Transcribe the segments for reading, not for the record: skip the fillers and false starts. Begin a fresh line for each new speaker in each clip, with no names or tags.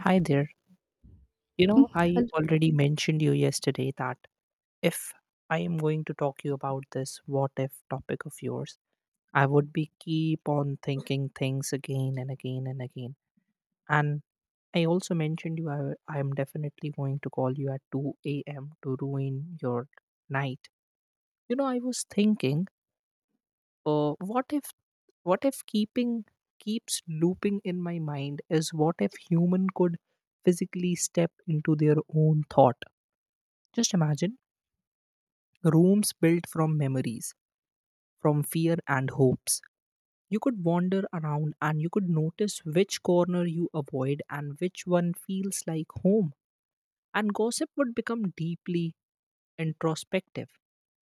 Hi there. You
Mm,
know, I
and
already mentioned you yesterday that if I am going to talk you about this what if topic of yours, I would be keep on thinking things again and again and again. And I also mentioned you I am definitely going to call you at 2 a.m. to ruin your night. You know, I was thinking, uh, what if what if keeping keeps looping in my mind is what if human could physically step into their own thought. Just imagine rooms built from memories, from fear and hopes. You could wander around and you could notice which corner you avoid and which one feels like home. And gossip would become deeply introspective.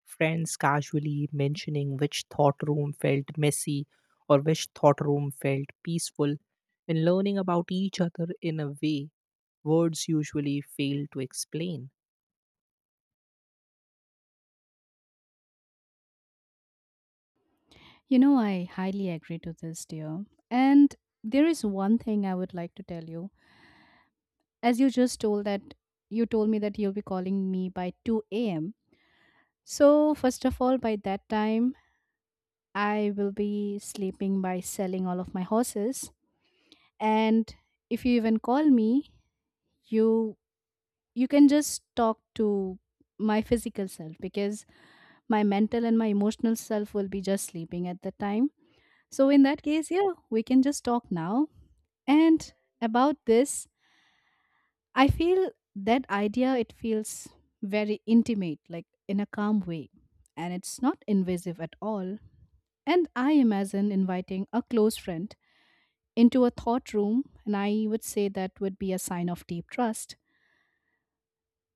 Friends casually mentioning which thought room felt messy or which thought room felt peaceful, and learning about each other in a way words usually fail to explain.
I highly agree to this, dear. And there is one thing I would like to tell you. As you just told that you told me that you'll be calling me by 2 a.m. So, first of all, by that time, I will be sleeping by selling all of my horses. And if you even call me, you you can just talk to my physical self because my mental and my emotional self will be just sleeping at the time. So in that case, yeah, we can just talk now. And about this, I feel that idea, it feels very intimate, like in a calm way. And it's not invasive at all. And I imagine inviting a close friend into a thought room, and I would say that would be a sign of deep trust.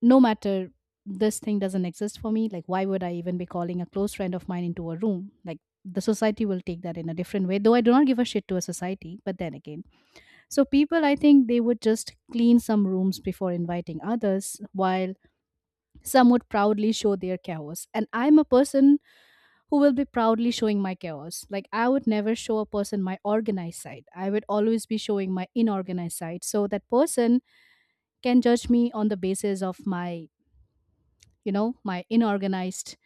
No matter this thing doesn't exist for me, like why would I even be calling a close friend of mine into a room? Like, the society will take that in a different way, though I do not give a shit to a society, but then again. So people, I think they would just clean some rooms before inviting others, while some would proudly show their chaos. And I'm a person who will be proudly showing my chaos. Like, I would never show a person my organized side. I would always be showing my inorganized side. So that person can judge me on the basis of my, you know, my inorganized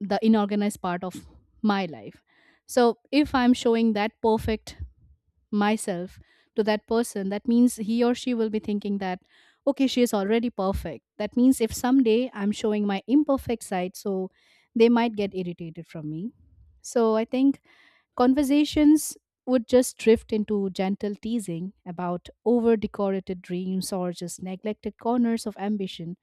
the inorganized part of my life. So if I'm showing that perfect myself to that person, that means he or she will be thinking that okay, she is already perfect. That means if someday I'm showing my imperfect side, so they might get irritated from me. So I think conversations would just drift into gentle teasing about over decorated dreams or just neglected corners of ambition,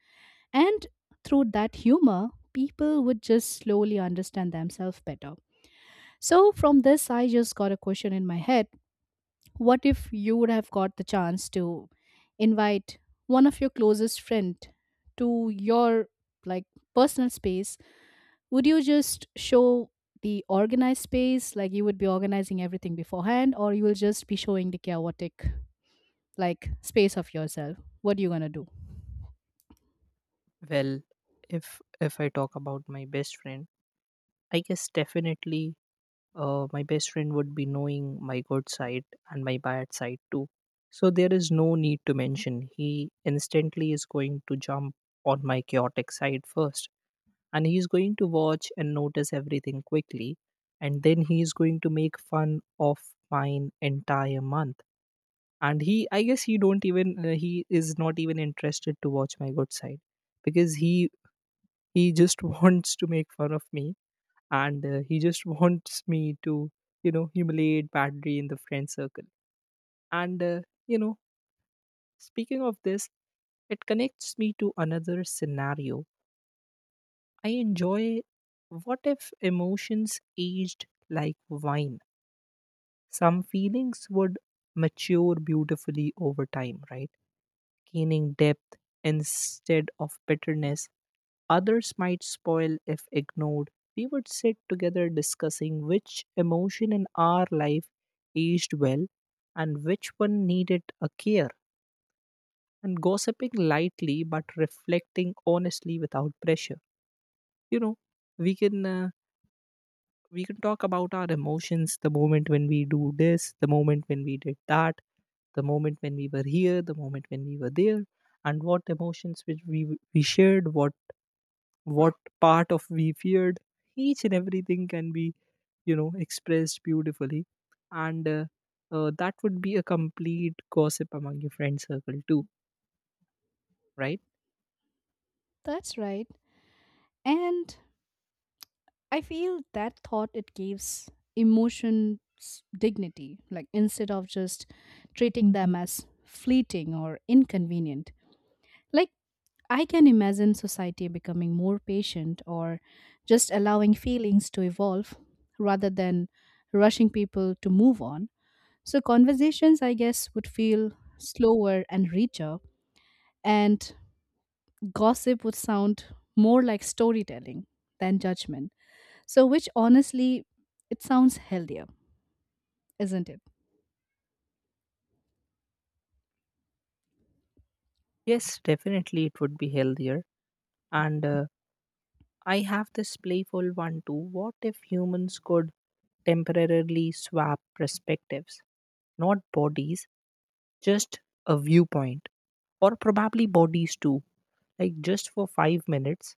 and through that humor, people would just slowly understand themselves better. So, from this, I just got a question in my head. What if you would have got the chance to invite one of your closest friend to your, like, personal space? Would you just show the organized space, like you would be organizing everything beforehand, or you will just be showing the chaotic, like, space of yourself? What are you gonna do?
Well, if I talk about my best friend, I guess definitely my best friend would be knowing my good side and my bad side too. So there is no need to mention. He instantly is going to jump on my chaotic side first. And he's going to watch and notice everything quickly. And then he's going to make fun of mine entire month. And he, I guess he don't even, he is not even interested to watch my good side because he just wants to make fun of me and he just wants me to humiliate badly in the friend circle and you know speaking of this, it connects me to another scenario I enjoy. What if emotions aged like wine? Some feelings would mature beautifully over time, right? Gaining depth instead of bitterness, others might spoil if ignored. We would sit together discussing which emotion in our life aged well and which one needed a care, and gossiping lightly but reflecting honestly without pressure. You know, we can. Uh, we can talk about our emotions, the moment when we do this, the moment when we did that, the moment when we were here, the moment when we were there, and what emotions which we shared, what part of we feared. Each and everything can be, you know, expressed beautifully, and that would be a complete gossip among your friend circle too, right?
That's right. And I feel that thought, it gives emotions dignity, like instead of just treating them as fleeting or inconvenient. Like, I can imagine society becoming more patient or just allowing feelings to evolve rather than rushing people to move on. So, conversations, I guess, would feel slower and richer, and gossip would sound more like storytelling than judgment. So, which honestly, it sounds healthier, isn't it?
Yes, definitely it would be healthier, and I have this playful one too. What if humans could temporarily swap perspectives? Not bodies, just a viewpoint, or probably bodies too, like just for 5 minutes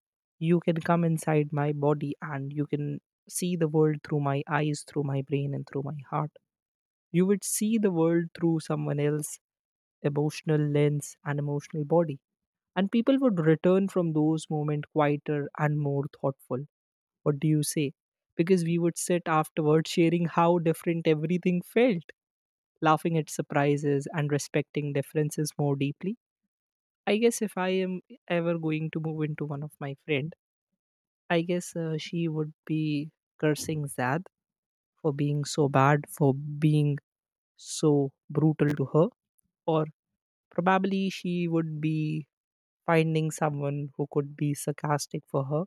you can come inside my body and you can see the world through my eyes, through my brain, and through my heart. You would see the world through someone else's emotional lens and emotional body, and people would return from those moments quieter and more thoughtful. What do you say? Because we would sit afterward sharing how different everything felt, laughing at surprises and respecting differences more deeply. I guess if I am ever going to move into one of my friends, I guess she would be cursing Zad for being so bad, for being so brutal to her, or probably she would be finding someone who could be sarcastic for her.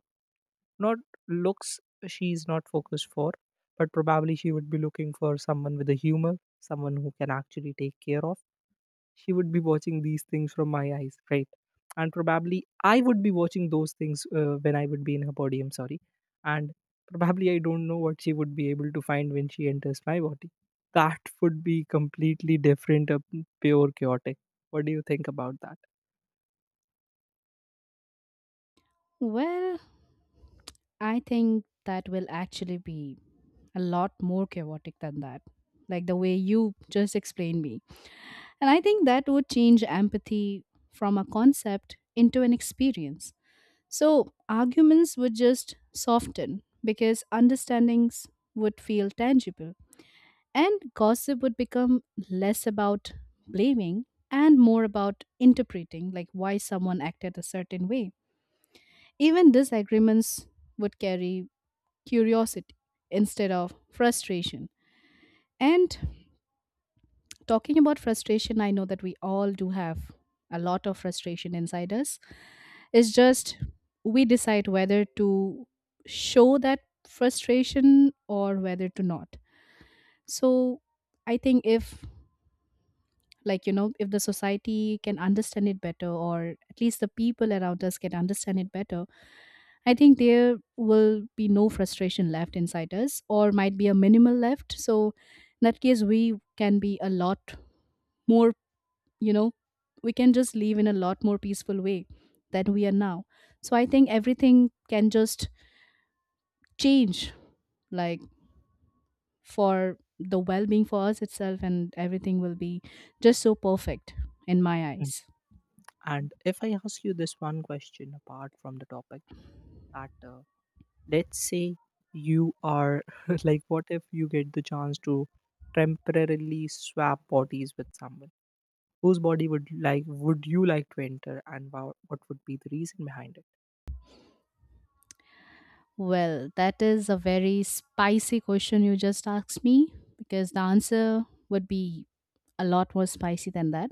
Not looks, she's not focused for, but probably she would be looking for someone with a humor, someone who can actually take care of. She would be watching these things from my eyes, right? And probably I would be watching those things, when I would be in her body, I'm sorry. And probably I don't know what she would be able to find when she enters my body. That would be completely different, pure chaotic. What do you think about that?
Well, I think that will actually be a lot more chaotic than that. Like the way you just explained me. And I think that would change empathy from a concept into an experience. So arguments would just soften because understandings would feel tangible. And gossip would become less about blaming and more about interpreting, like why someone acted a certain way. Even disagreements would carry curiosity instead of frustration. And talking about frustration, I know that we all do have a lot of frustration inside us. It's just we decide whether to show that frustration or whether to not. So I think if if the society can understand it better, or at least the people around us can understand it better, I think there will be no frustration left inside us, or might be a minimal left. So, in that case, more, you know, we can just live in a lot more peaceful way than we are now. So, I think everything can just change, like for the well being for us itself, and everything will be just so perfect in my
Mm.
eyes.
And if I ask you this one question apart from the topic, that let's say you are like, what if you get the chance to temporarily swap bodies with someone, whose body would like would you like to enter, and wow, what would be the reason behind it?
Well, that is a very spicy question you just asked me because the answer would be a lot more spicy than that.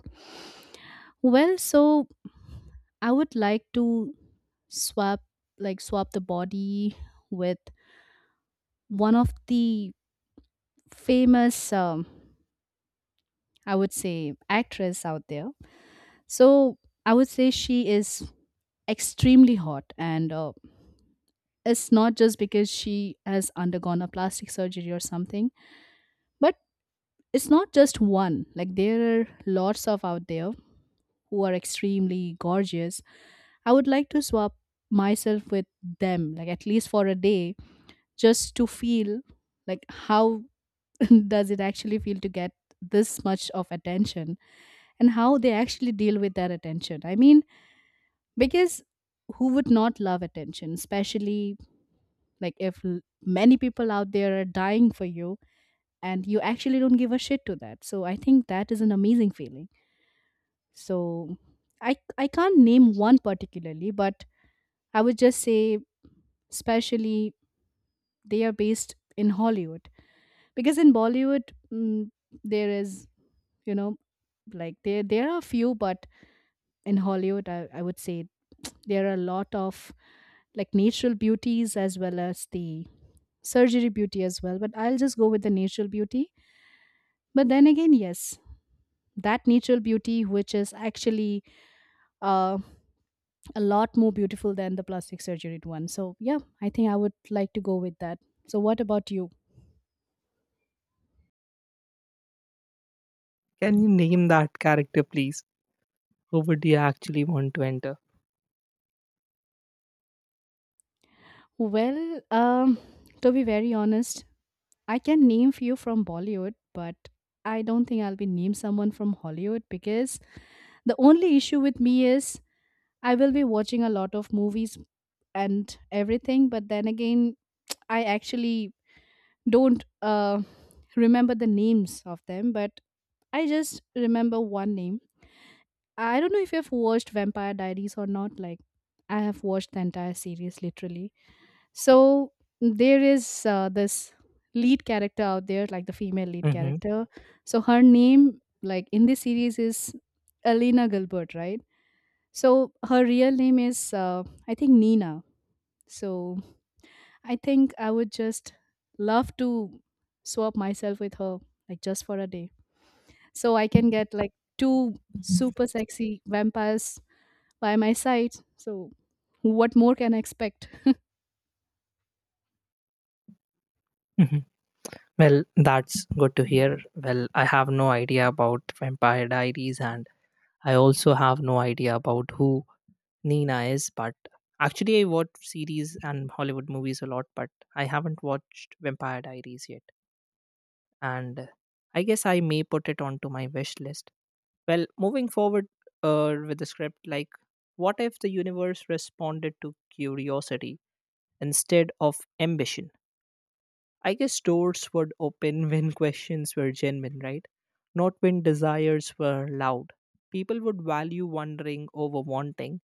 Well, so I would like to swap, the body with one of the famous, I would say, actress out there. So I would say she is extremely hot, and it's not just because she has undergone a plastic surgery or something, but it's not just one. Like, there are lots of out there who are extremely gorgeous. I would like to swap myself with them, like at least for a day, just to feel like how does it actually feel to get this much of attention and how they actually deal with their attention. I mean, because who would not love attention, especially like if many people out there are dying for you and you actually don't give a shit to that. So I think that is an amazing feeling. So I can't name one particularly, but I would just say, especially, they are based in Hollywood, because in Bollywood, mm, there is, you know, like, there are few, but in Hollywood, I would say there are a lot of like natural beauties as well as the surgery beauty as well, but I'll just go with the natural beauty. But then again, yes, that natural beauty which is actually uh, a lot more beautiful than the plastic surgery one. So yeah, I think I would like to go with that. So what about you?
Can you name that character please, who would you actually want to enter?
Well, to be very honest, I can name few from Bollywood, but I don't think I'll be named someone from Hollywood because the only issue with me is I will be watching a lot of movies and everything, but then again, I actually don't remember the names of them, but I just remember one name. I don't know if you've watched Vampire Diaries or not. Like, I have watched the entire series literally. So there is, this lead character out there, like the female lead
Hmm.
character. So her name, like in this series, is Alina Gilbert, right? So her real name is, I think, Nina. So I think I would just love to swap myself with her, like just for a day, so I can get like two super sexy vampires by my side. So what more can I expect?
Hmm. Well, that's good to hear. Well, I have no idea about Vampire Diaries, and I also have no idea about who Nina is, but actually I watch series and Hollywood movies a lot, but I haven't watched Vampire Diaries yet. And I guess I may put it onto my wish list. Well, moving forward with the script, like, what if the universe responded to curiosity instead of ambition? I guess doors would open when questions were genuine, right? Not when desires were loud. People would value wondering over wanting,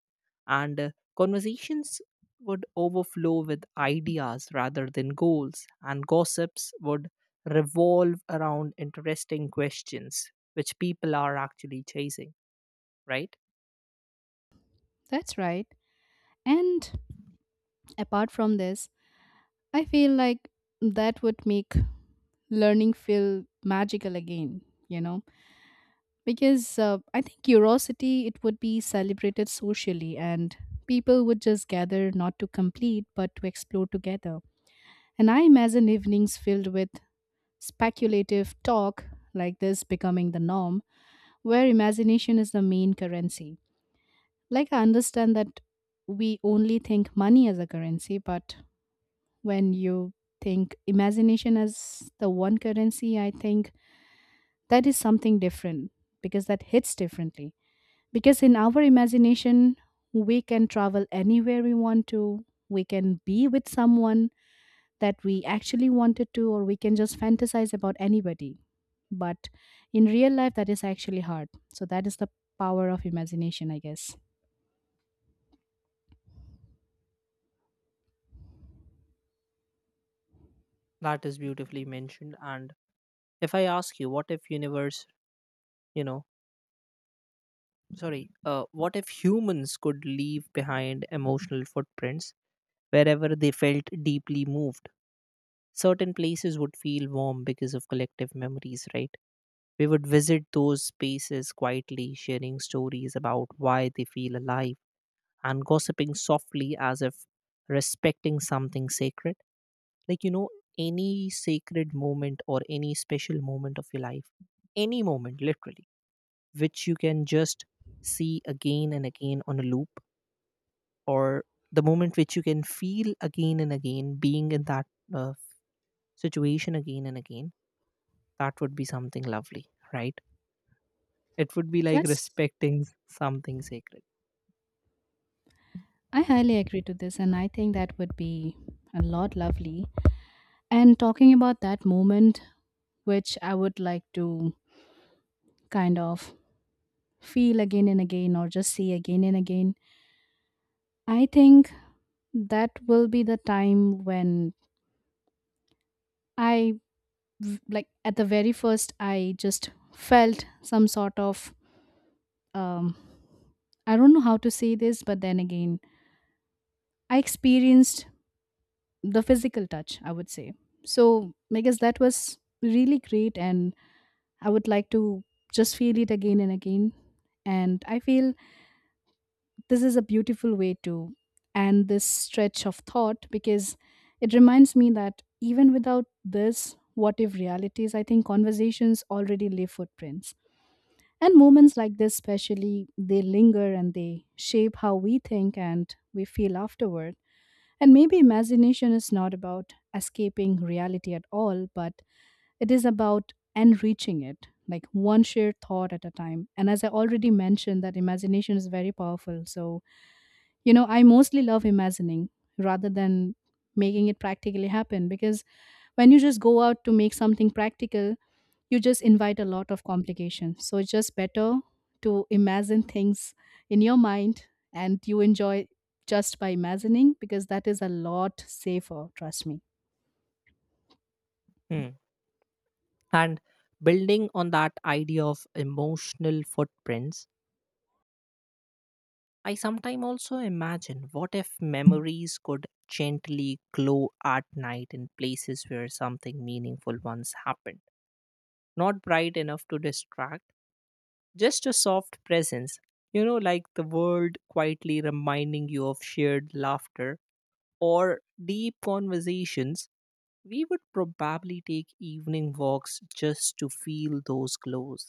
and conversations would overflow with ideas rather than goals, and gossips would revolve around interesting questions which people are actually chasing, right?
That's right. And apart from this, I feel like that would make learning feel magical again, you know, because I think curiosity, it would be celebrated socially, and people would just gather not to complete but to explore together. And I imagine evenings filled with speculative talk like this becoming the norm, where imagination is the main currency. Like, I understand that we only think money as a currency, but when you think imagination as the one currency, I think that is something different because that hits differently. Because in our imagination, we can travel anywhere we want to, we can be with someone that we actually wanted to, or we can just fantasize about anybody. But in real life, that is actually hard. So, that is the power of imagination, I guess.
That is beautifully mentioned. And if I ask you, what if universe, you know, sorry, what if humans could leave behind emotional footprints wherever they felt deeply moved? Certain places would feel warm because of collective memories, right? We would visit those spaces quietly, sharing stories about why they feel alive and gossiping softly as if respecting something sacred. Like, you know, any sacred moment or any special moment of your life, any moment literally, which you can just see again and again on a loop, or the moment which you can feel again and again, being in that uh, situation again and again, that would be something lovely, right? It would be like
That's
respecting something sacred.
I highly agree to this, and I think that would be a lot lovely. And talking about that moment, which I would like to kind of feel again and again or just see again and again, I think that will be the time when I, like, at the very first, I just felt some sort of, um, I don't know how to say this, but then again, I experienced the physical touch, I would say. So, I guess that was really great, and I would like to just feel it again and again. And I feel This is a beautiful way to end this stretch of thought because it reminds me that even without this what if realities, I think conversations already leave footprints. And moments like this, especially, they linger and they shape how we think and we feel afterward. And maybe imagination is not about escaping reality at all, but it is about enriching it, like one shared thought at a time. And as I already mentioned, that imagination is very powerful. So, I mostly love imagining rather than making it practically happen because when you just go out to make something practical, you just invite a lot of complications. So it's just better to imagine things in your mind and you enjoy just by imagining because that is a lot safer, trust me.
Hmm. And building on that idea of emotional footprints, I sometimes also imagine what if memories could gently glow at night in places where something meaningful once happened. Not bright enough to distract, just a soft presence. You know, like the world quietly reminding you of shared laughter or deep conversations. We would probably take evening walks just to feel those glows,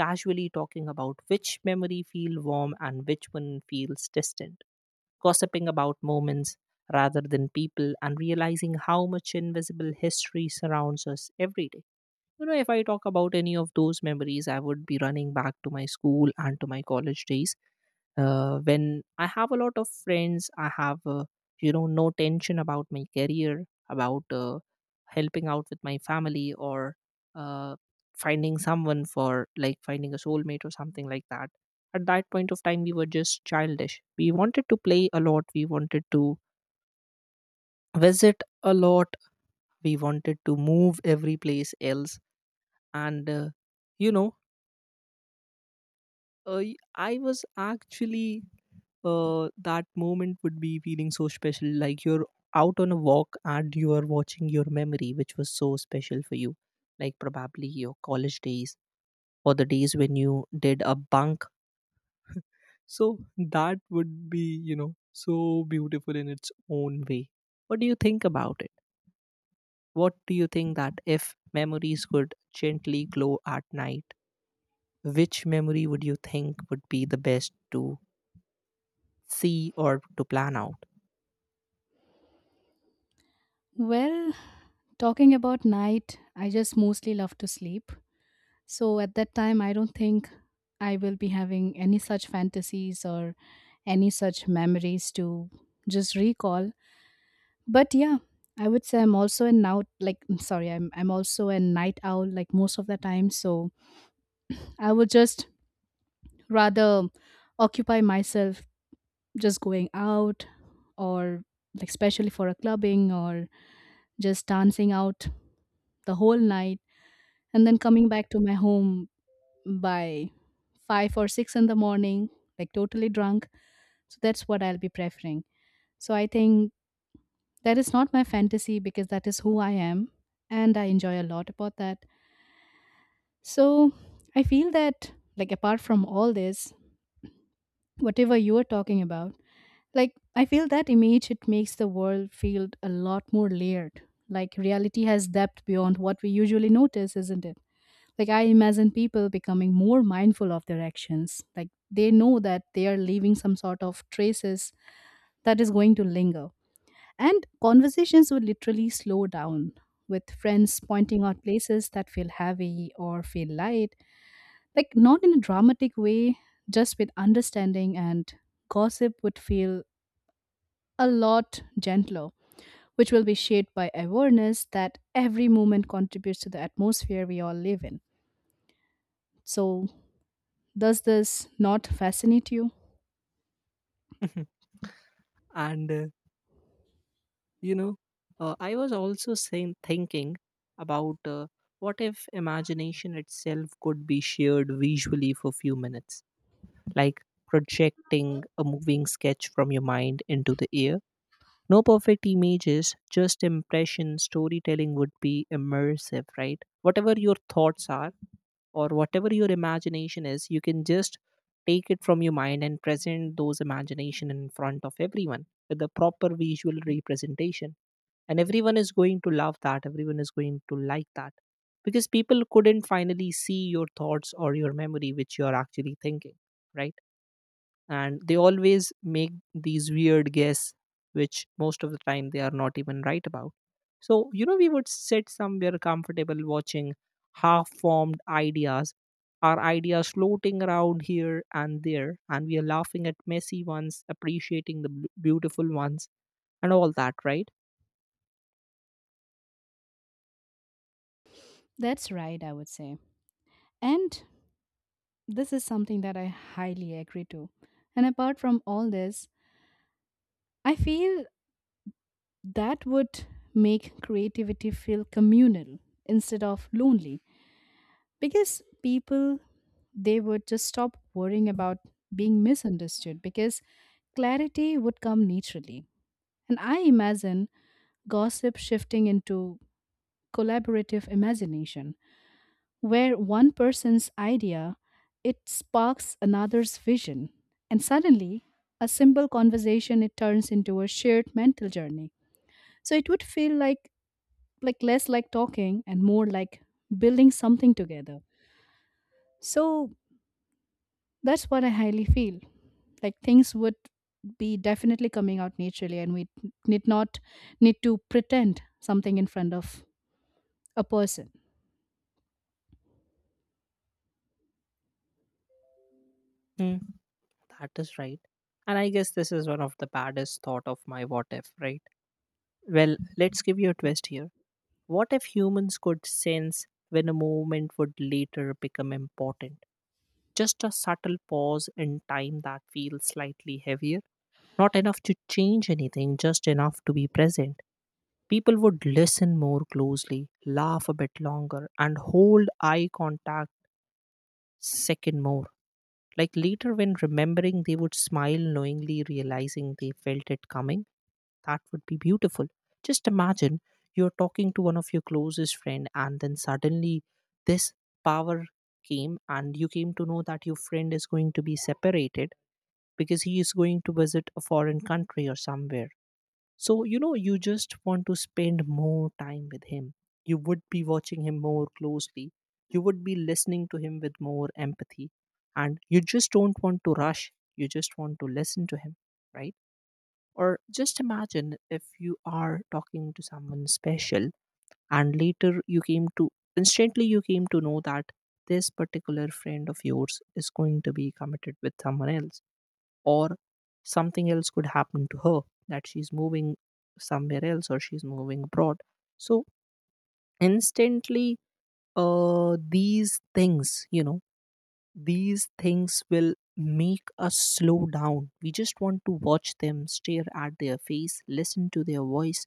casually talking about which memory feel warm and which one feels distant, gossiping about moments rather than people and realizing how much invisible history surrounds us every day. You know, if I talk about any of those memories, I would be running back to my school and to my college days, when I have a lot of friends, I have, you know, no tension about my career, about helping out with my family, or uh, finding someone for, like, finding a soulmate or something like that. At that point of time, we were just childish. We wanted to play a lot. We wanted to visit a lot. We wanted to move every place else, and you know Uh, y- I was actually, that moment would be feeling so special. Like you're out on a walk and you are watching your memory, which was so special for you. Like probably your college days, or the days when you did a bunk. So that would be, you know, so beautiful in its own way. What do you think about it? What do you think that if memories could gently glow at night, which memory would you think would be the best to see or to plan out?
Well, talking about night, I just mostly love to sleep. So at that time, I don't think I will be having any such fantasies or any such memories to just recall. But yeah, I would say, I'm sorry, I'm also a night owl like most of the time. So I would just rather occupy myself just going out or like especially for a clubbing or just dancing out the whole night and then coming back to my home by 5 or 6 in the morning, like totally drunk. So that's what I'll be preferring. So I think that is not my fantasy because that is who I am and I enjoy a lot about that. So I feel that, like, apart from all this, whatever you are talking about, like I feel that image it makes the world feel a lot more layered. Like reality has depth beyond what we usually notice, isn't it? Like I imagine people becoming more mindful of their actions. Like they know that they are leaving some sort of traces that is going to linger. And conversations would literally slow down with friends pointing out places that feel heavy or feel light, like not in a dramatic way, just with understanding, and gossip would feel a lot gentler, which will be shaped by awareness that every moment contributes to the atmosphere we all live in. So, does this not fascinate you?
and you know I was also saying thinking about what if imagination itself could be shared visually for few minutes, like projecting a moving sketch from your mind into the air? No perfect images, just impression. Storytelling would be immersive, right? Whatever your thoughts are, or whatever your imagination is, you can just take it from your mind and present those imagination in front of everyone with a proper visual representation, and everyone is going to love that, everyone is going to like that, because people couldn't finally see your thoughts or your memory which you are actually thinking, right? And they always make these weird guess, which most of the time they are not even right about. So, you know, we would sit somewhere comfortable watching half formed ideas, our ideas floating around here and there, and we are laughing at messy ones, appreciating the beautiful ones and all that, right?
That's right, I would say. And this is something that I highly agree to. And apart from all this, I feel that would make creativity feel communal instead of lonely because people, they would just stop worrying about being misunderstood because clarity would come naturally, and I imagine gossip shifting into collaborative imagination where one person's idea it sparks another's vision, and suddenly a simple conversation it turns into a shared mental journey. So it would feel like less like talking and more like building something together. So that's what I highly feel. Like things would be definitely coming out naturally, and we need not need to pretend something in front of a person.
Hmm, that is right. And I guess this is one of the baddest thought of my what if, right? Well, let's give you a twist here. What if humans could sense when a movement would later become important? Just a subtle pause in time that feels slightly heavier, not enough to change anything, just enough to be present. People would listen more closely, laugh a bit longer, and hold eye contact second more. Like later, when remembering, they would smile knowingly, realizing they felt it coming. That would be beautiful. Just imagine you're talking to one of your closest friend, and then suddenly this power came and you came to know that your friend is going to be separated because he is going to visit a foreign country or somewhere. So, you know, you just want to spend more time with him. You would be watching him more closely. You would be listening to him with more empathy. And you just don't want to rush. You just want to listen to him, right? Or just imagine if you are talking to someone special and later you came to instantly you came to know that this particular friend of yours is going to be committed with someone else, or something else could happen to her, that she's moving somewhere else, or she's moving abroad. So, instantly, these things, you know, these things will make us slow down. We just want to watch them, stare at their face, listen to their voice,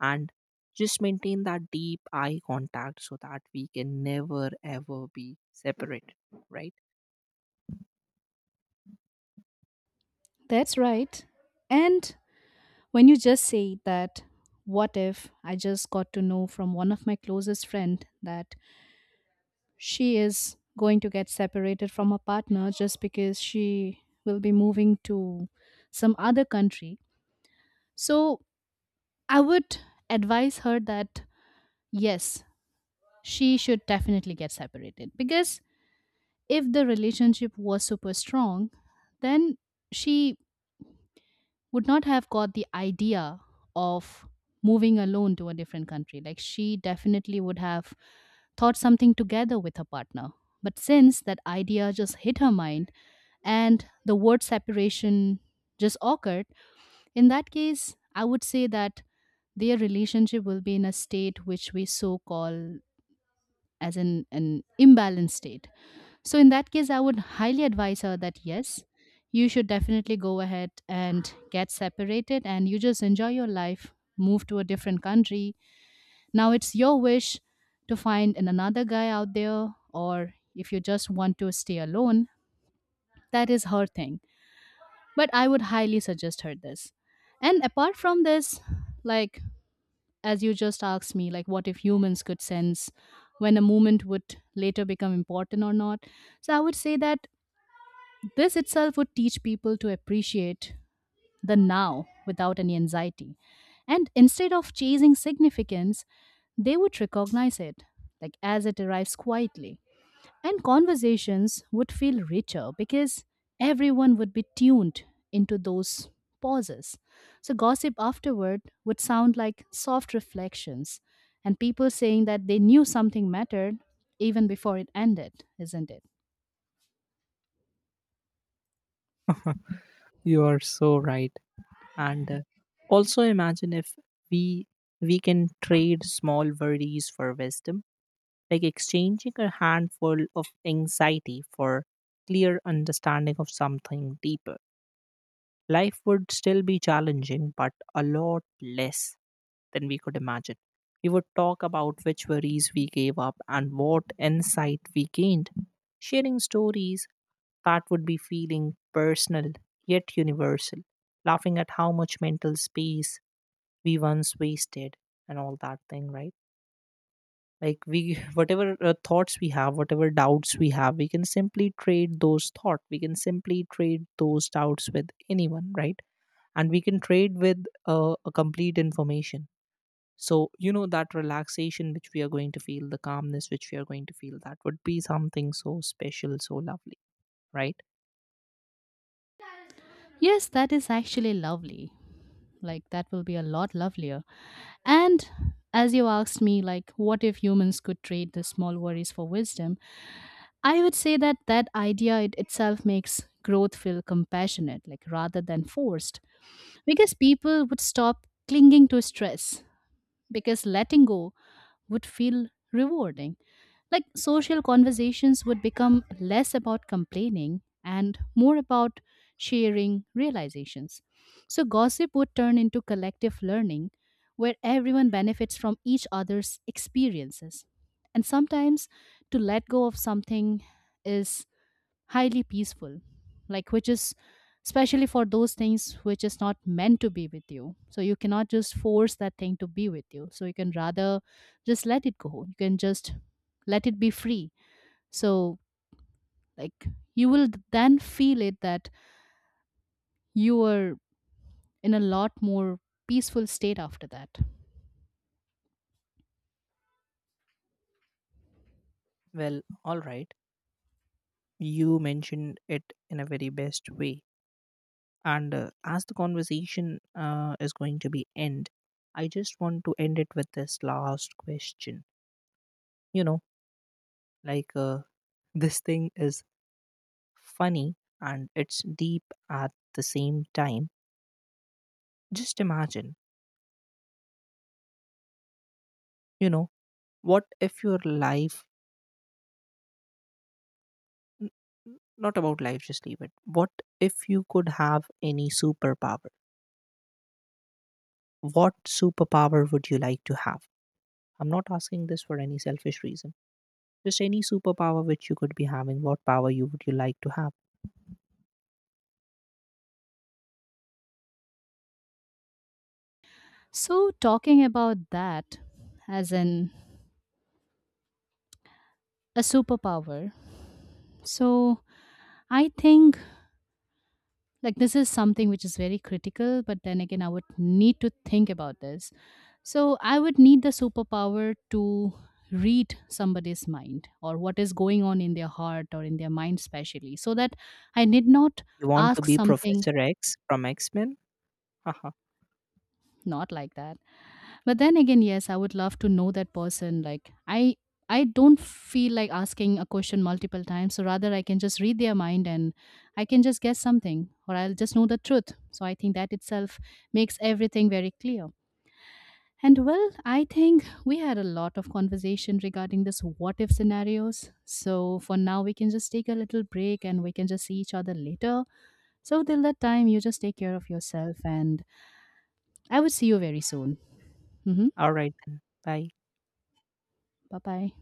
and just maintain that deep eye contact so that we can never ever be separated, right?
That's right. And when you just say that, what if I just got to know from one of my closest friend that she is going to get separated from her partner just because she will be moving to some other country. So I would advise her that yes, she should definitely get separated because if the relationship was super strong, then she would not have got the idea of moving alone to a different country. Like she definitely would have thought something together with her partner. But since that idea just hit her mind and the word separation just occurred, in that case, I would say that their relationship will be in a state which we so call as an imbalanced state. So, in that case, I would highly advise her that yes, you should definitely go ahead and get separated and you just enjoy your life, move to a different country. Now, it's your wish to find another guy out there, or if you just want to stay alone, that is her thing. But I would highly suggest her this. And apart from this, like as you just asked me, like what if humans could sense when a movement would later become important or not? So I would say that this itself would teach people to appreciate the now without any anxiety. And instead of chasing significance, they would recognize it, like as it arrives quietly. And conversations would feel richer because everyone would be tuned into those pauses. So, gossip afterward would sound like soft reflections and people saying that they knew something mattered even before it ended, isn't it?
You are so right. And also imagine if we we can trade small worries for wisdom, like exchanging a handful of anxiety for clear understanding of something deeper. Life would still be challenging, but a lot less than we could imagine. We would talk about which worries we gave up and what insight we gained, sharing stories that would be feeling personal yet universal, laughing at how much mental space we once wasted and all that thing, right? Like, we whatever thoughts we have, whatever doubts we have, we can simply trade those thought, we can simply trade those doubts with anyone, right? And we can trade with a complete information. So you know that relaxation which we are going to feel, the calmness which we are going to feel, that would be something so special, so lovely, right?
Yes, that is actually lovely. Like that will be a lot lovelier. And as you asked me, like, what if humans could trade the small worries for wisdom? I would say that that idea it itself makes growth feel compassionate, like rather than forced, because people would stop clinging to stress because letting go would feel rewarding. Like social conversations would become less about complaining and more about sharing realizations. So gossip would turn into collective learning where everyone benefits from each other's experiences. And sometimes to let go of something is highly peaceful, like which is especially for those things which is not meant to be with you, so you cannot just force that thing to be with you, so you can rather just let it go, you can just let it be free. So, like, you will then feel it that you are in a lot more peaceful state after that.
Well, all right, you mentioned it in a very best way. And as the conversation is going to be end, I just want to end it with this last question. You know, like, this thing is funny and it's deep at the same time. Just imagine, you know, what if your n- not about life, just leave it, what if you could have any superpower, what superpower would you like to have? I'm not asking this for any selfish reason. Just any superpower which you could be having, what power you would you like to have?
So talking about that, as an a superpower, so I think like this is something which is very critical, but then again I would need to think about this. So I would need the superpower to read somebody's mind or what is going on in their heart or in their mind, especially, so that I did not
You want to
ask
be
something.
Professor X from X-Men? Haha.
Not like that, but then again, yes, I would love to know that person. Like I don't feel like asking a question multiple times, so rather I can just read their mind and I can just guess something or I'll just know the truth. So I think that itself makes everything very clear. And well, I think we had a lot of conversation regarding this what if scenarios. So for now, we can just take a little break and we can just see each other later. So till that time, you just take care of yourself and I will see you very soon. Mm-hmm.
All right then. Bye.
Bye bye.